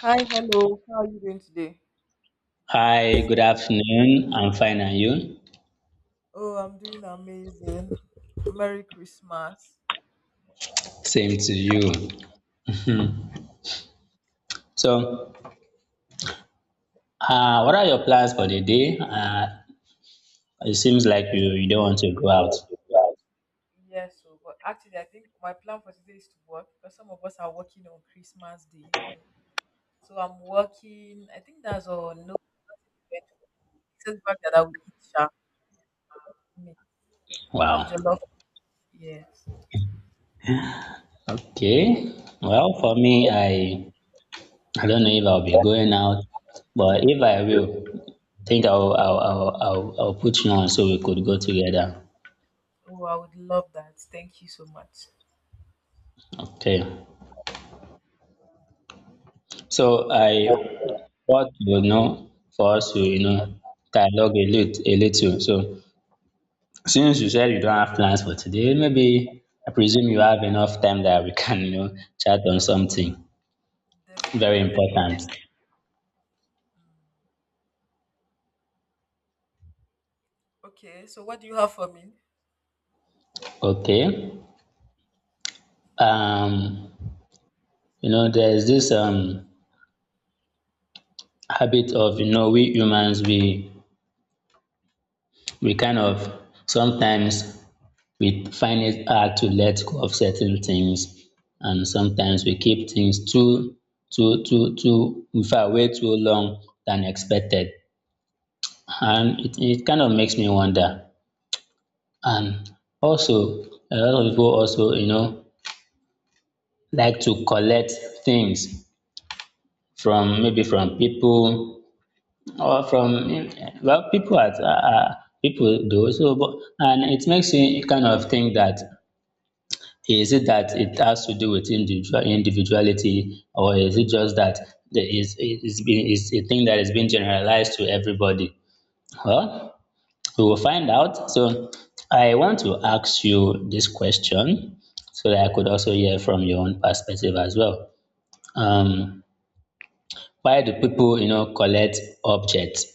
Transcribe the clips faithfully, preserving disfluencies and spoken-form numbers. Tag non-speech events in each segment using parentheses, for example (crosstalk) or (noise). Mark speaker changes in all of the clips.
Speaker 1: Hi, hello. How are you doing today?
Speaker 2: Hi, good afternoon. I'm fine, and you?
Speaker 1: Oh, I'm doing amazing. Merry Christmas.
Speaker 2: Same to you. Hmm. So, uh, what are your plans for the day? Uh, it seems like you, you don't want to go out.
Speaker 1: Yes, so but actually I think my plan for today is to work because some of us are working on Christmas Day, you know. So I'm working. I think that's all no event except fact that I will eat sharp meat and
Speaker 2: Wow.
Speaker 1: jollof. Yes.
Speaker 2: Okay. Well, for me, I I don't know if I'll be going out, but if I will, I think I'll I'll I'll, I'll, I'll put you on so we could go together.
Speaker 1: Oh, I would love that. Thank you so much.
Speaker 2: Okay. So, I what you know for us to, you know dialogue a little a little. So, since you said you don't have plans for today, maybe I presume you have enough time that we can, you know, chat on something very
Speaker 1: Definitely. Um,
Speaker 2: important.
Speaker 1: Okay, so what do you have for me?
Speaker 2: Okay. Um, you know, there's this um habit of, you know, we humans, we we kind of sometimes, we find it hard to let go of certain things, and sometimes we keep things too too too too in fact, way too long than expected. And it, it kind of makes me wonder. And also, a lot of people also, you know, like to collect things from, maybe from people, or from, well, people at are, people do so, but and it makes you kind of think that is it that it has to do with individual individuality, or is it just that there is is is a thing that is being generalized to everybody? Well, we will find out. So I want to ask you this question so that I could also hear from your own perspective as well. Um, why do people, you know, collect objects?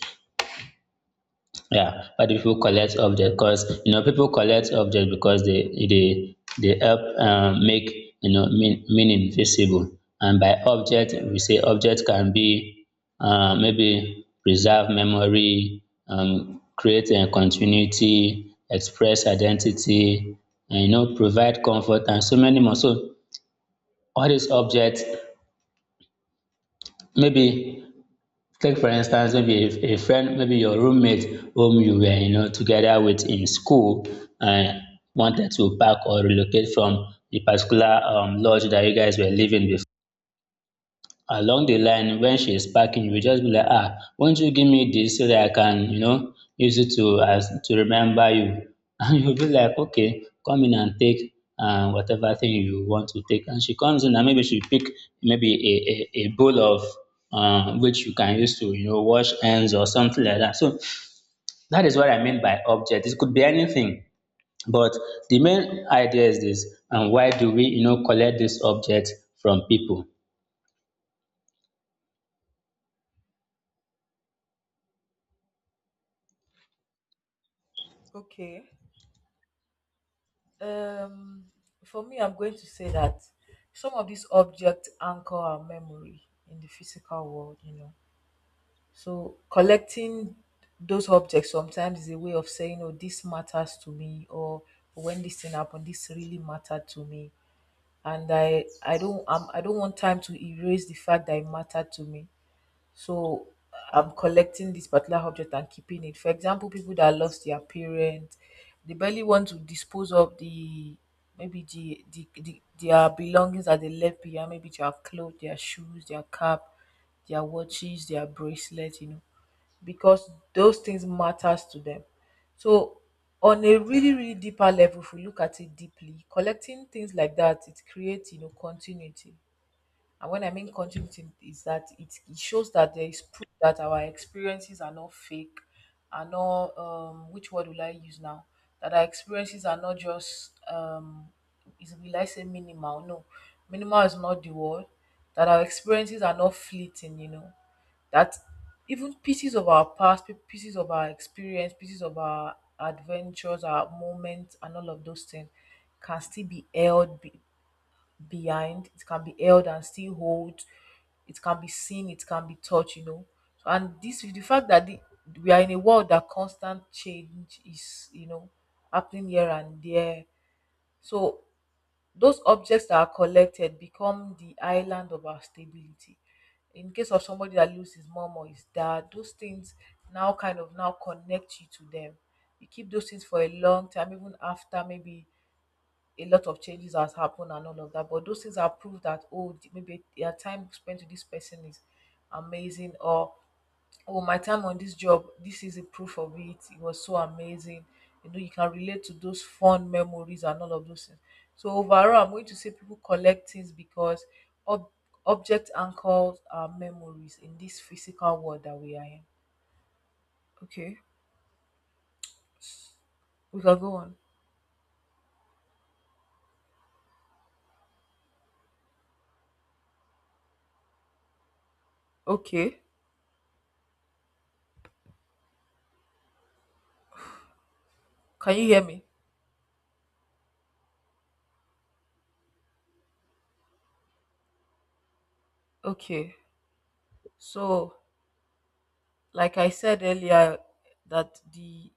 Speaker 2: Yeah, why do people collect objects? Because, you know people collect objects because they they they help, um, make, you know mean, meaning visible. And by object, we say object can be, uh, maybe preserve memory, um, create a continuity, express identity, and, you know provide comfort, and so many more. So all these objects, maybe, take for instance, maybe a, a friend, maybe your roommate whom you were, you know, together with in school, and wanted to pack or relocate from the particular, um, lodge that you guys were living before. Along the line, when she's packing, you will just be like, "Ah, won't you give me this so that I can, you know, use it to as to remember you?" (laughs) And you'll be like, "Okay, come in and take, uh, whatever thing you want to take." And she comes in, and maybe she pick maybe a, a, a bowl of, uh, which you can use to, you know, wash hands or something like that. So that is what I mean by object. It could be anything. But the main idea is this: and why do we, you know, collect this object from people?
Speaker 1: Okay. Um, for me, I'm going to say that some of these objects anchor our memory in the physical world, you know. So collecting those objects sometimes is a way of saying, oh, this matters to me, or "Oh, when this thing happened, this really mattered to me. And I, I don't, I'm, I don't want time to erase the fact that it mattered to me. So I'm collecting this particular object and keeping it. For example, people that lost their parents, they barely want to dispose of the maybe the, the, the their belongings that they left behind, maybe their clothes, their shoes, their cap, their watches, their bracelet, you know, because those things matters to them. So on a really, really deeper level, if we look at it deeply, collecting things like that, it creates, you know, continuity. And when I mean continuity is that it, it shows that there is proof that our experiences are not fake, are not um which word will I use now? That our experiences are not just um is will I say minimal? No. Minimal is not the word. That our experiences are not fleeting, you know. That even pieces of our past, pi- pieces of our experience, pieces of our adventures, our moments, and all of those things can still be held behind. It can be held and still hold. It can be seen. It can be touched you know So, and this is the fact that the, we are in a world that constant change is you know happening here and there. So those objects that are collected become the island of our stability in case of somebody that loses his mom or his dad, those things now kind of now connect you to them. You keep those things for a long time even after maybe a lot of changes has happened and all of that. But those things have proved that oh, maybe their time spent with this person is amazing, or oh, my time on this job, this is a proof of it. It was so amazing. You know, you can relate to those fond memories and all of those things. So overall, I'm going to say people collect things because ob- object anchors our memories in this physical world that we are in. Okay, we can go on. Okay, can you hear me? Okay, so like I said earlier, that the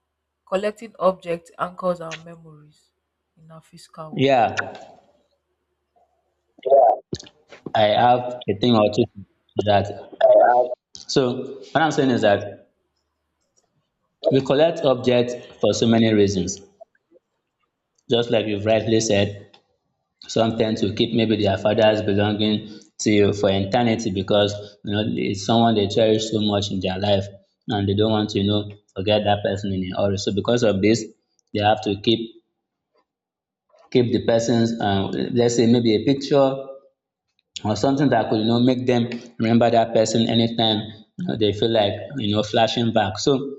Speaker 1: collecting object anchors our memories in our physical world.
Speaker 2: Yeah, I have a thing or two to that. So what I'm saying is that we collect objects for so many reasons. Just like you've rightly said, some tend to keep maybe their father's belonging to you for eternity, because, you know it's someone they cherish so much in their life, and they don't want to, you know forget that person in a hurry. So because of this, they have to keep keep the person's, um, let's say, maybe a picture or something that could, you know make them remember that person anytime, you know, they feel like, you know flashing back. So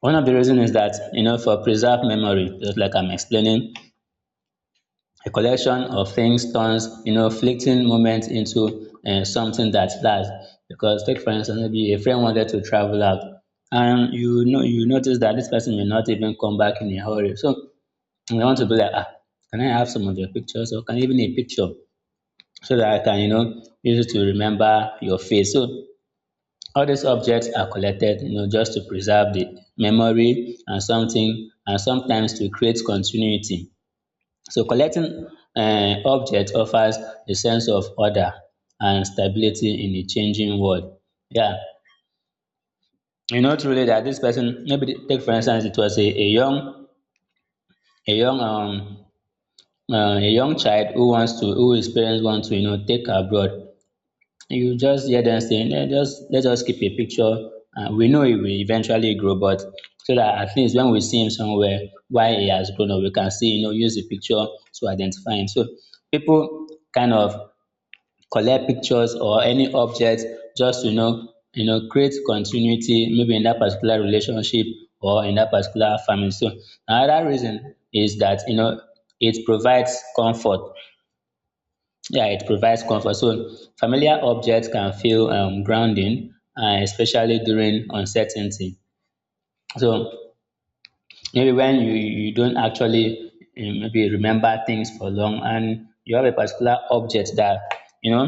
Speaker 2: one of the reasons is that, you know for preserved memory, just like i'm explaining, a collection of things turns, you know fleeting moments into, uh, something that lasts, because, take for instance, maybe a friend wanted to travel out, and, you know you notice that this person may not even come back in a hurry. So you want to be like, "Ah, can i have some of your pictures, or can I even a picture, so that I can, you know, use it to remember your face." So all these objects are collected, you know, just to preserve the memory and something, and sometimes to create continuity. So collecting, uh, objects offers a sense of order and stability in a changing world. Yeah, you know truly that this person, maybe the- take for instance, it was a, a young, a young, um, uh, a young child who wants to, who his parents want to, you know, take abroad. You just hear them saying, "Eh, just let us keep a picture. Uh, we know he will eventually grow, but so that at least when we see him somewhere, why he has grown up, we can see, you know, use the picture to identify him." So people kind of collect pictures or any object just to, you know, you know, create continuity, maybe in that particular relationship or in that particular family. So another reason is that, you know it provides comfort. Yeah, it provides comfort. So familiar objects can feel, um, grounding, uh, especially during uncertainty. So maybe when you you don't actually, um, maybe remember things for long, and you have a particular object that, you know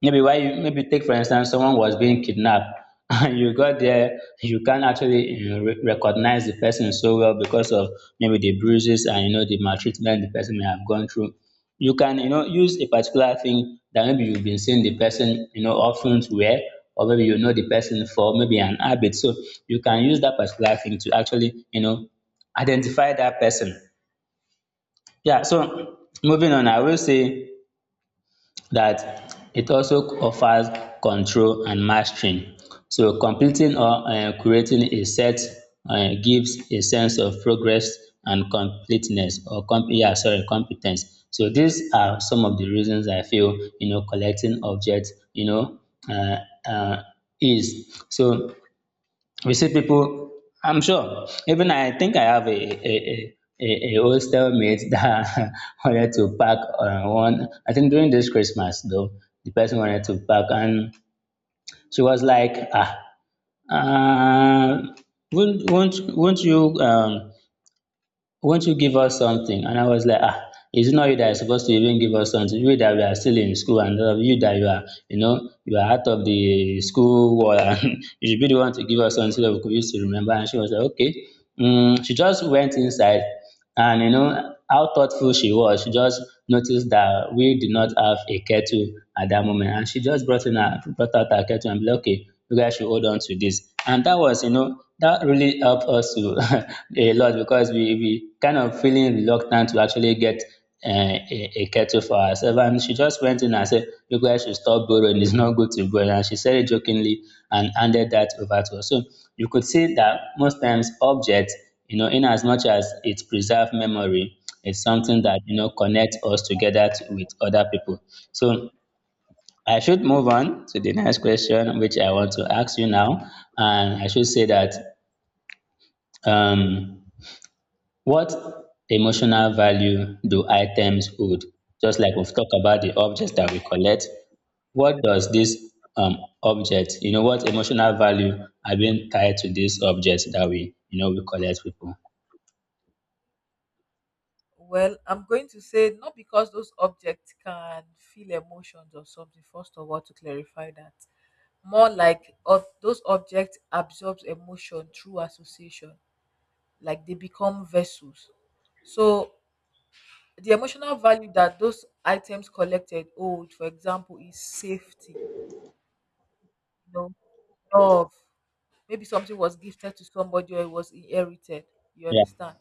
Speaker 2: maybe why you maybe, take for instance, someone was being kidnapped, (laughs) and you got there, you can't actually, you know, re- recognize the person so well because of maybe the bruises, and, you know the maltreatment the person may have gone through. You can, you know use a particular thing that maybe you've been seeing the person, you know often wear, or maybe you know the person for maybe an habit. So you can use that particular thing to actually, you know identify that person. Yeah, so moving on, I will say that it also offers control and mastering. So completing or um creating a set um gives a sense of progress and completeness, or com yeah, sorry, competence. So these are some of the reasons I feel, you know collecting objects, you know um um is. So we see people, I'm sure, even I think I have a, a, a, a, a hostel mate that (laughs) wanted to pack, uh, one, I think during this Christmas though, the person wanted to pack, and she was like, "Ah, uh, won't, won't, won't you um, won't you give us something?" And I was like, "Ah, it's not you that is supposed to even give us something. You that we are still in school, and, uh, you that you are, you know, you are out of the school wall (laughs) and you should be the one to give us something so that we could use to remember." And she was like, "Okay." Mm, she just went inside, and you know how thoughtful she was. She just noticed that we did not have a kettle at that moment, and she just brought in her brought out her kettle, and be like, "Okay, you guys should hold on to this." And that was, you know, that really helped us to (laughs) a lot, because we we kind of feeling reluctant to actually get, uh, a, a kettle for herself. And she just went in and said, "You guys should stop borrowing, it's not good to borrow." And she said it jokingly, and handed that over to us. So you could see that most times objects, you know, in as much as it preserve memory, it's something that, you know connects us together to, with other people. So I should move on to the next question, which I want to ask you now. And I should say that, um what emotional value do items hold? Just like we've talked about the objects that we collect, what does this, um, object, you know, what emotional value are being tied to this object that we, you know, we collect people?
Speaker 1: Well, I'm going to say not because those objects can feel emotions or something. First of all, to clarify that, more like of those objects absorbs emotion through association, like they become vessels. So the emotional value that those items collected hold, for example, is safety, you know, love. Maybe something was gifted to somebody or it was inherited. You
Speaker 2: Yeah.
Speaker 1: understand?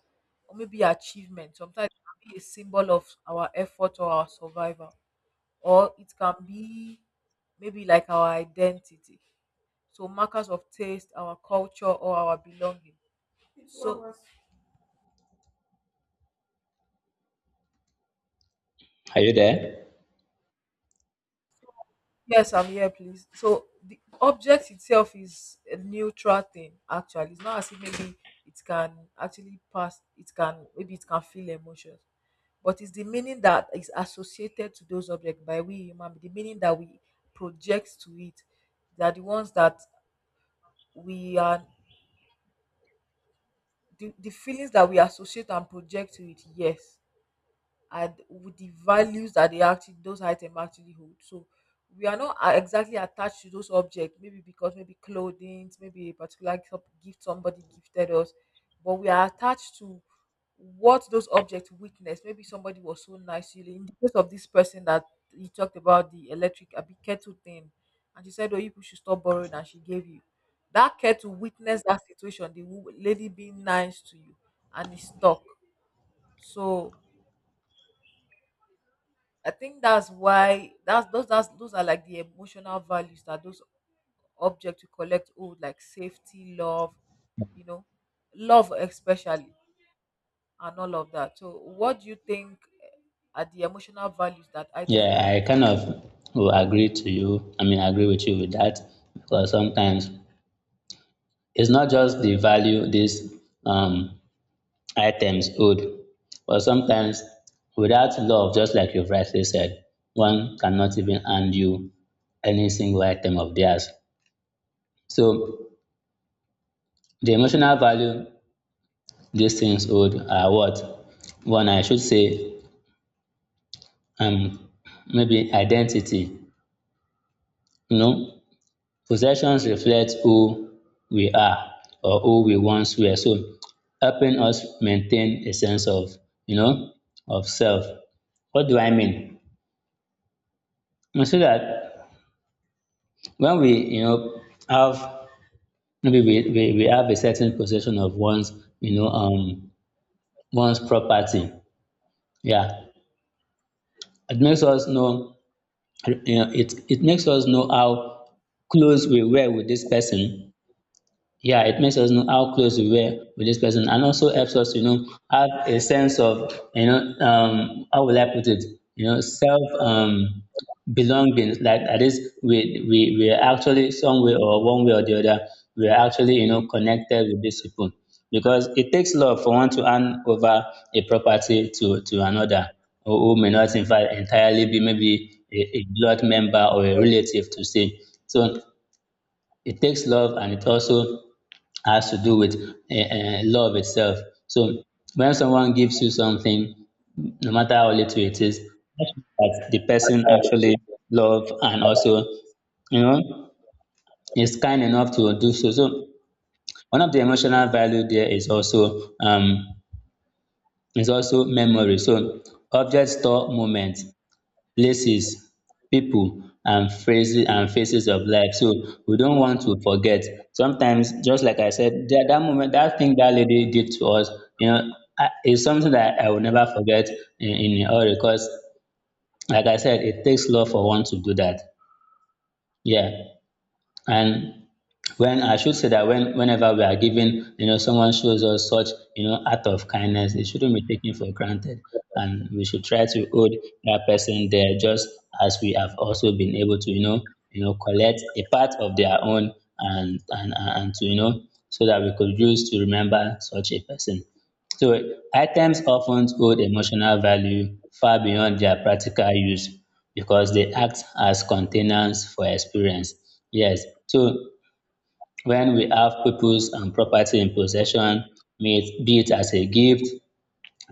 Speaker 1: Or maybe achievement. Sometimes it can be a symbol of our effort or our survival. Or it can be maybe like our identity. So markers of taste, our culture, or our belonging. So
Speaker 2: Are you there?
Speaker 1: yes, I'm here, please. So the object itself is a neutral thing. Actually, it's not as if maybe it can actually pass. It can maybe it can feel emotions. But it's the meaning that is associated to those objects by we human, the meaning that we project to it. They are the ones that we are, the, the feelings that we associate and project to it, yes. And with the values that they actually those items actually hold. So we are not uh, exactly attached to those objects, maybe because maybe clothing, maybe a particular gif- gift somebody gifted us, but we are attached to what those objects witness. Maybe somebody was so nice to you. In the case of this person that he talked about the electric a big kettle thing, and she said, "Oh, you people should stop borrowing," and she gave you that kettle. Witness that situation, the wo- lady being nice to you, and it's stuck. So I think that's why that's those that's those are like the emotional values that those objects you collect hold, like safety, love, you know, love especially, and all of that. So, what do you think are the emotional values that item
Speaker 2: Yeah, I
Speaker 1: holds?
Speaker 2: kind of will agree to you. I mean, I agree with you with that, because sometimes it's not just the value this, um, items hold. But sometimes, without love, just like you've rightly said, one cannot even hand you any single item of theirs. So the emotional value these things hold are what? One, I should say, um, maybe identity. You know, possessions reflect who we are or who we once were, so helping us maintain a sense of, you know, of self. What do I mean? I say that when we, you know, have maybe we, we, we have a certain possession of one's, you know, um, one's property. Yeah, it makes us know, you know, it it makes us know how close we were with this person. Yeah, it makes us know how close we were with this person, and also helps us, you know, have a sense of, you know, um, how will I put it, you know, self, um, belonging. Like at least we, we, we are actually some way or one way or the other, we are actually, you know, connected with these people because it takes love for one to hand over a property to, to another who who may not, in fact, entirely be maybe a, a blood member or a relative to say. So it takes love and it also has to do with uh, uh, love itself. So when someone gives you something, no matter how little it is, that shows that the person actually love and also, you know, is kind enough to do so. So one of the emotional value there is also um, is also memory. So objects store moments, places, people and phrases and phases of life. So we don't want to forget. Sometimes, just like I said, that, that moment, that thing that lady did to us, you know, I- is something that I will never forget in, in all because, like I said, it takes love for one to do that. Yeah. And when I should say that when whenever we are given, you know, someone shows us such, you know, act of kindness, it shouldn't be taken for granted. And we should try to hold that person there just as we have also been able to, you know, you know, collect a part of their own and, and, and to, you know, so that we could use to remember such a person. So items often hold emotional value far beyond their practical use because they act as containers for experience. Yes. So when we have peoples and property in possession, may it, be it as a gift,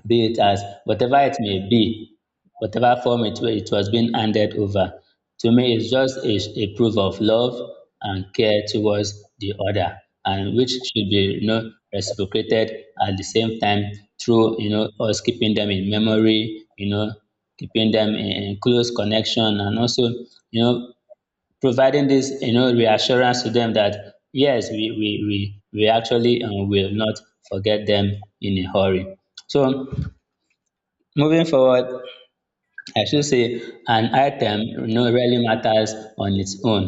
Speaker 2: be it as whatever it may be, whatever form it, wa- it was being handed over. To me, it's just a, a proof of love and care towards the other, and which should be, you know, reciprocated at the same time through, you know, us keeping them in memory, you know, keeping them in, in close connection and also, you know, providing this, you know, reassurance to them that yes we we we, we actually um, will not forget them in a hurry. So moving forward, I should say an item, you know, really matters on its own,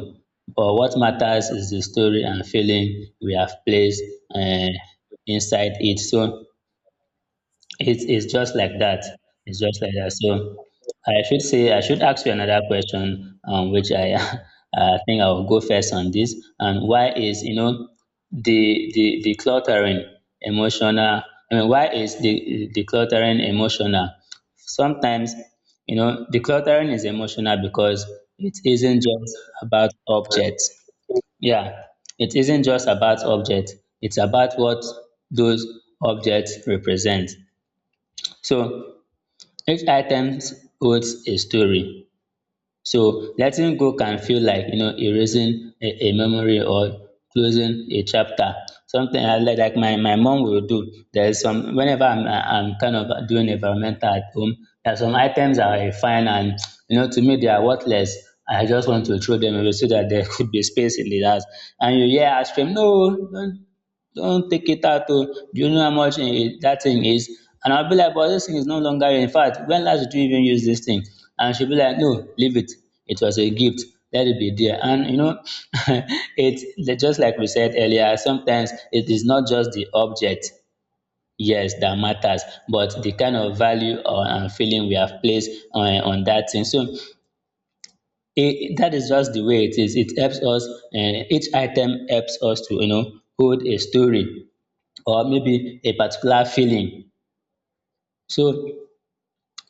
Speaker 2: but what matters is the story and feeling we have placed uh, inside it. So it's it's just like that. It's just like that. So I should say I should ask you another question, um, which I (laughs) I think I will go first on this. And why is, you know, the the the cluttering emotional? I mean, why is the the cluttering emotional? Sometimes, you know, the cluttering is emotional because it isn't just about objects. Yeah, it isn't just about objects. It's about what those objects represent. So each item holds a story. So letting go can feel like, you know, erasing a, a memory or closing a chapter. Something I like, like my, my mom will do. There's some whenever I'm I'm kind of doing environmental at home, there are some items I find and, you know, to me they are worthless. I just want to throw them away so that there (laughs) could be space in the house. And you hear her scream, no, don't don't take it out oh, do you know how much eh, that thing is? And I'll be like, but this thing is no longer here. In fact, when last did you even use this thing? And she'll be like, no, leave it. It was a gift. Let it be there. And you know, (laughs) it's just like we said earlier, sometimes it is not just the object, yes, that matters, but the kind of value or and feeling we have placed on, on that thing. So it, that is just the way it is. It helps us, and each item helps us to, you know, hold a story or maybe a particular feeling. So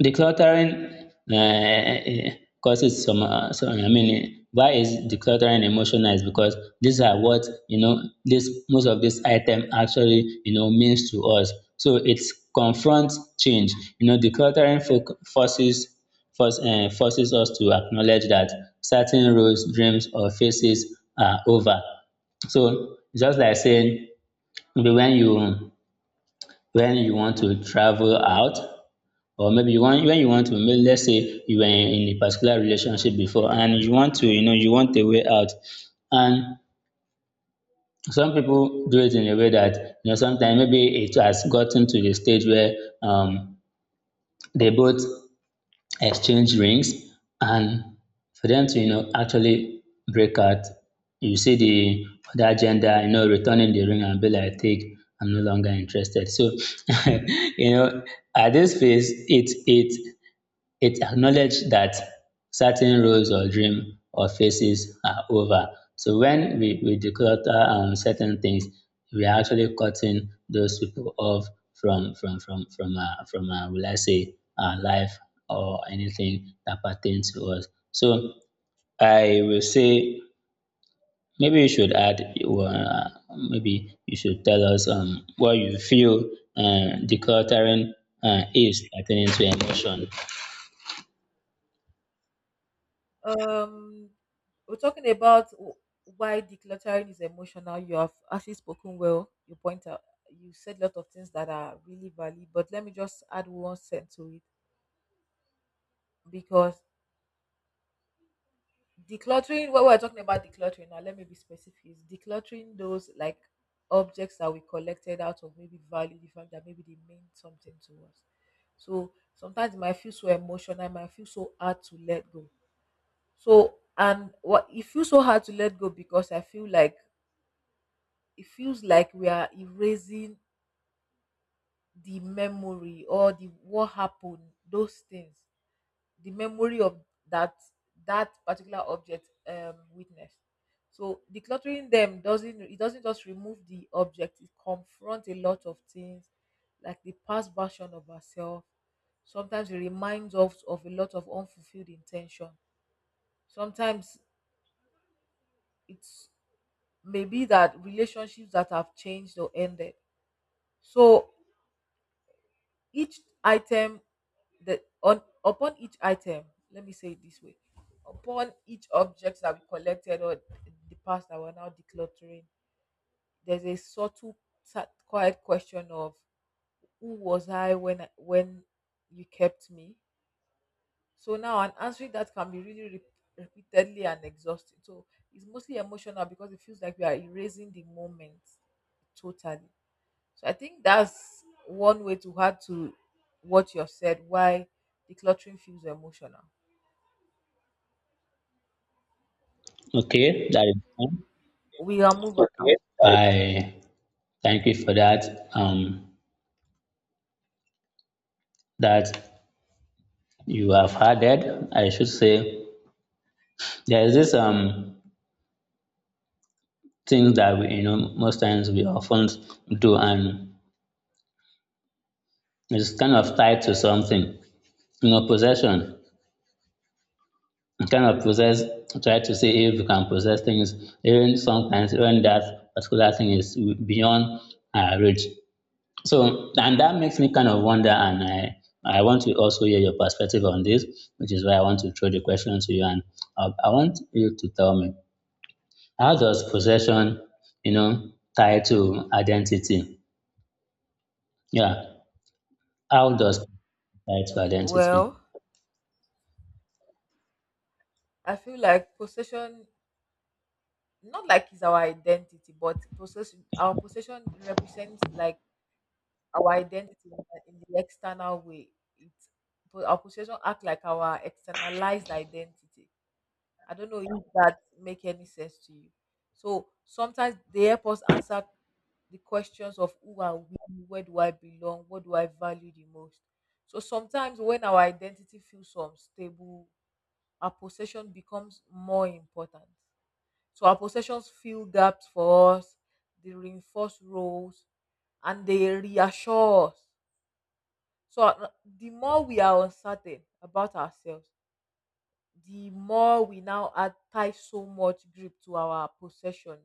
Speaker 2: decluttering um causes some um some I mean why is decluttering emotional is because these are what, you know, this most of this item actually, you know, means to us. So it's confronts change. You know decluttering fo forces force um forces us to acknowledge that certain roles, dreams or phases are over. So just like saying maybe when you when you want to travel out or maybe you want when you want to make let's say you were in a particular relationship before and you want to, you know, you want a way out, and some people do it in a way that, you know, sometimes maybe it has gotten to the stage where um they both exchange rings and for them to, you know, actually break out, you see the other gender, you know, returning the ring and be like take, I'm no longer interested. So (laughs) you know at this phase it it it acknowledged that certain roles or dreams or phases are over. So when we, we declutter um, certain things, we are actually cutting those people off from from from from uh, from uh, will I say our life or anything that pertains to us. So I will say maybe you should add uh, maybe you should tell us um what you feel uh, decluttering uh, is pertaining to emotion.
Speaker 1: Um, we're talking about w- why decluttering is emotional. You have actually spoken well. You point out, you said a lot of things that are really valid, but let me just add one cent to it because decluttering, when we're talking about decluttering now, let me be specific. Is decluttering those like objects that we collected out of maybe value, the fact that maybe they mean something to us. So sometimes it might feel so emotional, it might feel so hard to let go. So and what it feels so hard to let go because I feel like it feels like we are erasing the memory or the what happened, those things. The memory of that that particular object um witnessed. So decluttering them doesn't it doesn't just remove the object. It confronts a lot of things like the past version of ourselves. Sometimes it reminds us of a lot of unfulfilled intention. Sometimes it's maybe that relationships that have changed or ended. So each item that on upon each item, let me say it this way, upon each object that we collected or the past that we're now decluttering, there's a subtle sa- quiet question of who was I when I, when you kept me. So now, and answering that can be really re- repeatedly and exhausting. So it's mostly emotional because it feels like we are erasing the moment totally. So I think that's one way to add to what you have said, why decluttering feels emotional.
Speaker 2: Okay, that is fine.
Speaker 1: We can move on now. Okay. I-
Speaker 2: I thank you for that um that you have added. I should say there is this um thing that we, you know, most times we often do and it's kind of tied to something. You know, possession. You kind of possess try to see if you can possess things even sometimes even that particular thing is beyond our reach. So, and that makes me kind of wonder, and I, I want to also hear your perspective on this, which is why I want to throw the question to you. And uh, I want you to tell me, how does possession, you know, tie to identity? Yeah, how does it tie to identity?
Speaker 1: Well, I feel like possession, not like it's our identity, but possession, our possession represents like our identity in the in the external way. It, po- our possession act like our externalized identity. I don't know if that make any sense to you. So sometimes they help us answer the questions of who are we, where do I belong, what do I value the most. So sometimes when our identity feels unstable, our possession becomes more important. So our possessions fill gaps for us, they reinforce roles, and they reassure us. So uh, the more we are uncertain about ourselves, the more we now add attach so much grip to our possession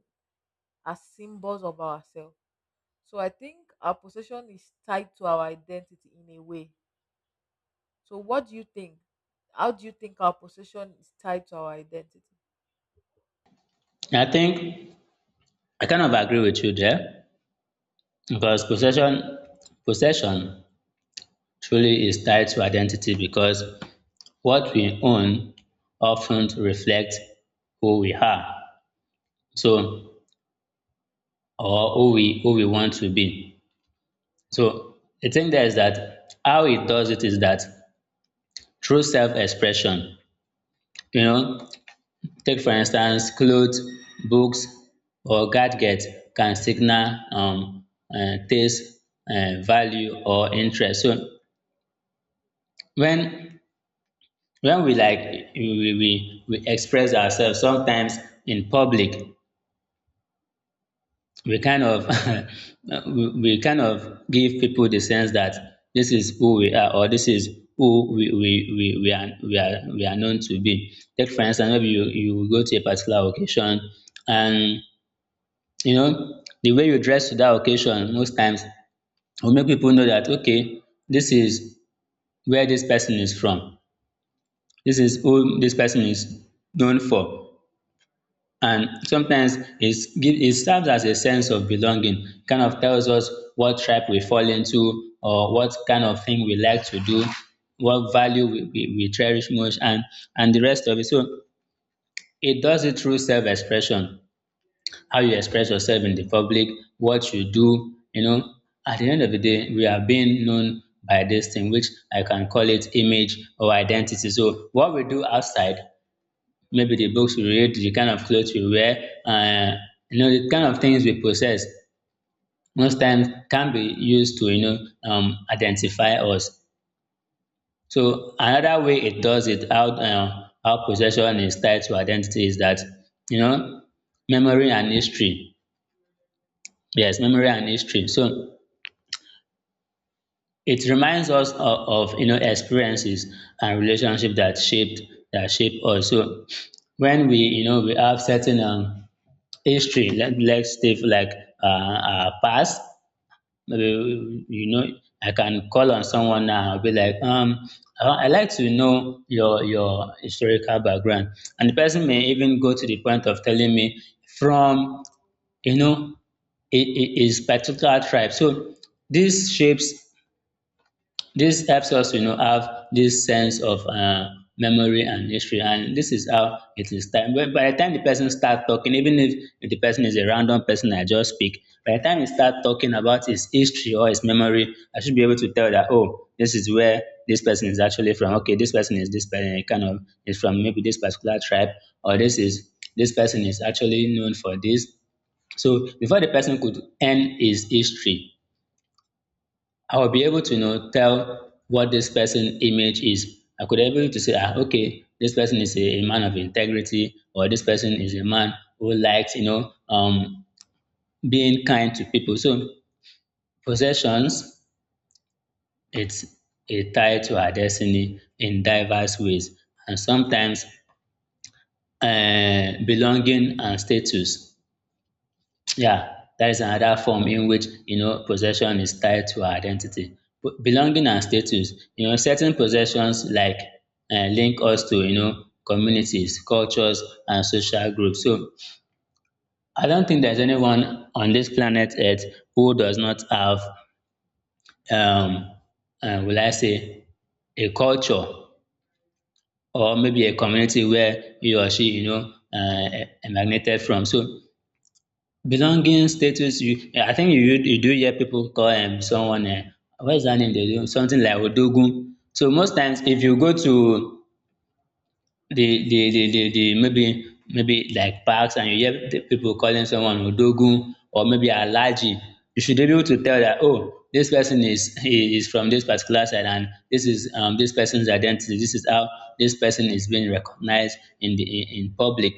Speaker 1: as symbols of ourselves. So I think our possession is tied to our identity in a way. So what do you think? How do you think our possession is tied to our identity?
Speaker 2: I think I kind of agree with you there because possession, possession truly is tied to identity because what we own often reflects who we are. So or who we who we want to be. So the thing there is that how it does it is that through self-expression, you know, take for instance, clothes, books, or gadgets can signal um, uh, taste, uh, value, or interest. So when when we like we, we we express ourselves sometimes in public, we kind of (laughs) we we kind of give people the sense that this is who we are or this is who we we, we, we are we are we are known to be. Take for instance, maybe you, you go to a particular occasion and, you know, the way you dress to that occasion most times will make people know that okay, this is where this person is from. This is who this person is known for, and sometimes it's give it serves as a sense of belonging kind of tells us what tribe we fall into or what kind of thing we like to do, what value we, we, we cherish most and and the rest of it. So it does it through self-expression, how you express yourself in the public, what you do, you know, at the end of the day we are being known by this thing which I can call it image or identity. So what we do outside, maybe the books we read, the kind of clothes we wear, uh, you know, the kind of things we possess most times can be used to, you know, um, identify us. So another way it does it, how, uh, how possession is tied to identity is that, you know, memory and history. Yes, memory and history. So it reminds us of, of, you know, experiences and relationship that shaped that shape us. So when we, you know, we have certain um, history, let let's take like uh our past. Maybe, you know, I can call on someone now and be like um I I like to know your your historical background, and the person may even go to the point of telling me from, you know, his his particular tribe. So dis shapes this helps us, you know, have this sense of uh, memory and history, and this is how it is time. But by the time the person starts talking, even if if the person is a random person I just speak, by the time he starts talking about his history or his memory, I should be able to tell that oh, this is where this person is actually from. Okay, this person is this person kind of is from maybe this particular tribe, or this is this person is actually known for this. So before the person could end his history, I will be able to, you know, tell what this person image is. I could be able to say, ah, okay, this person is a, a man of integrity, or this person is a man who likes, you know, um, being kind to people. So possessions, it's a tie to our destiny in diverse ways, and sometimes uh, belonging and status. Yeah, that is another form in which, you know, possession is tied to our identity. P- belonging and status. You know, certain possessions like uh, link us to, you know, communities, cultures, and social groups. So I don't think there's anyone on this planet Earth who does not have, um, uh, will I say, a culture or maybe a community where he or she, you know, uh, emanated from. So belonging status you eh, I think you you do hear people call um someone um what is that name they do something like Odogun. So most times if you go to the the the the, the maybe maybe like parks and you hear the people calling someone Odogun or maybe Alaji, you should be able to tell that oh this person is he is from this particular side and this is um this person's identity. This is how this person is being recognized in the in, in public.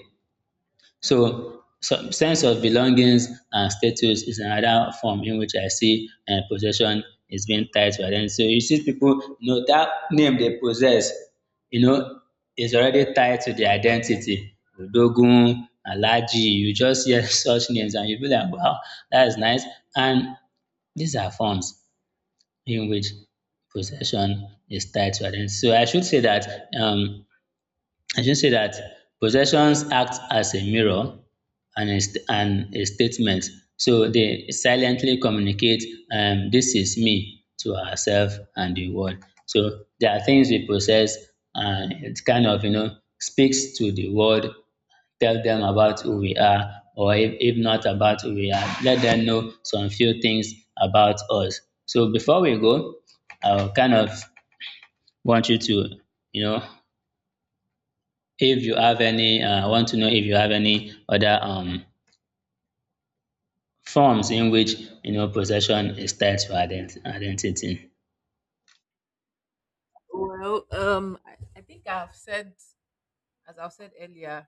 Speaker 2: So some sense of belongings and status is another form in which I see um possession is being tied to identity. So you see people, you know, that name they possess, you know, is already tied to their identity. Odogun, Alhaji, you just hear (laughs) such names and you be like wow, that is nice. And these are forms in which possession is tied to identity. So I should say that. um I should say that possessions act as a mirror and a, st- and a statement. So they silently communicate, um, this is me to ourselves and the world. So there are things we possess and it kind of, you know, speaks to the world, tell them about who we are, or if, if not about who we are, let them know some few things about us. So before we go, I'll kind of want you to, you know, if you have any, uh, I want to know if you have any other um, forms in which, you know, possession is tied to ident- identity.
Speaker 1: Well, um, I, I think I've said, as I've said earlier,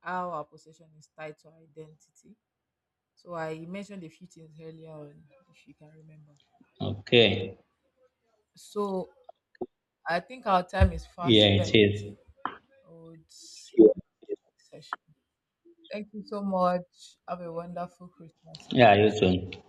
Speaker 1: how our possession is tied to our identity. So I mentioned a few things earlier on, if you can remember.
Speaker 2: Okay,
Speaker 1: So I think our time is
Speaker 2: yeah,
Speaker 1: fast
Speaker 2: it
Speaker 1: spent.
Speaker 2: is.
Speaker 1: I would say session. Thank you so much. Have a wonderful Christmas
Speaker 2: Yeah, you
Speaker 1: celebration.
Speaker 2: too.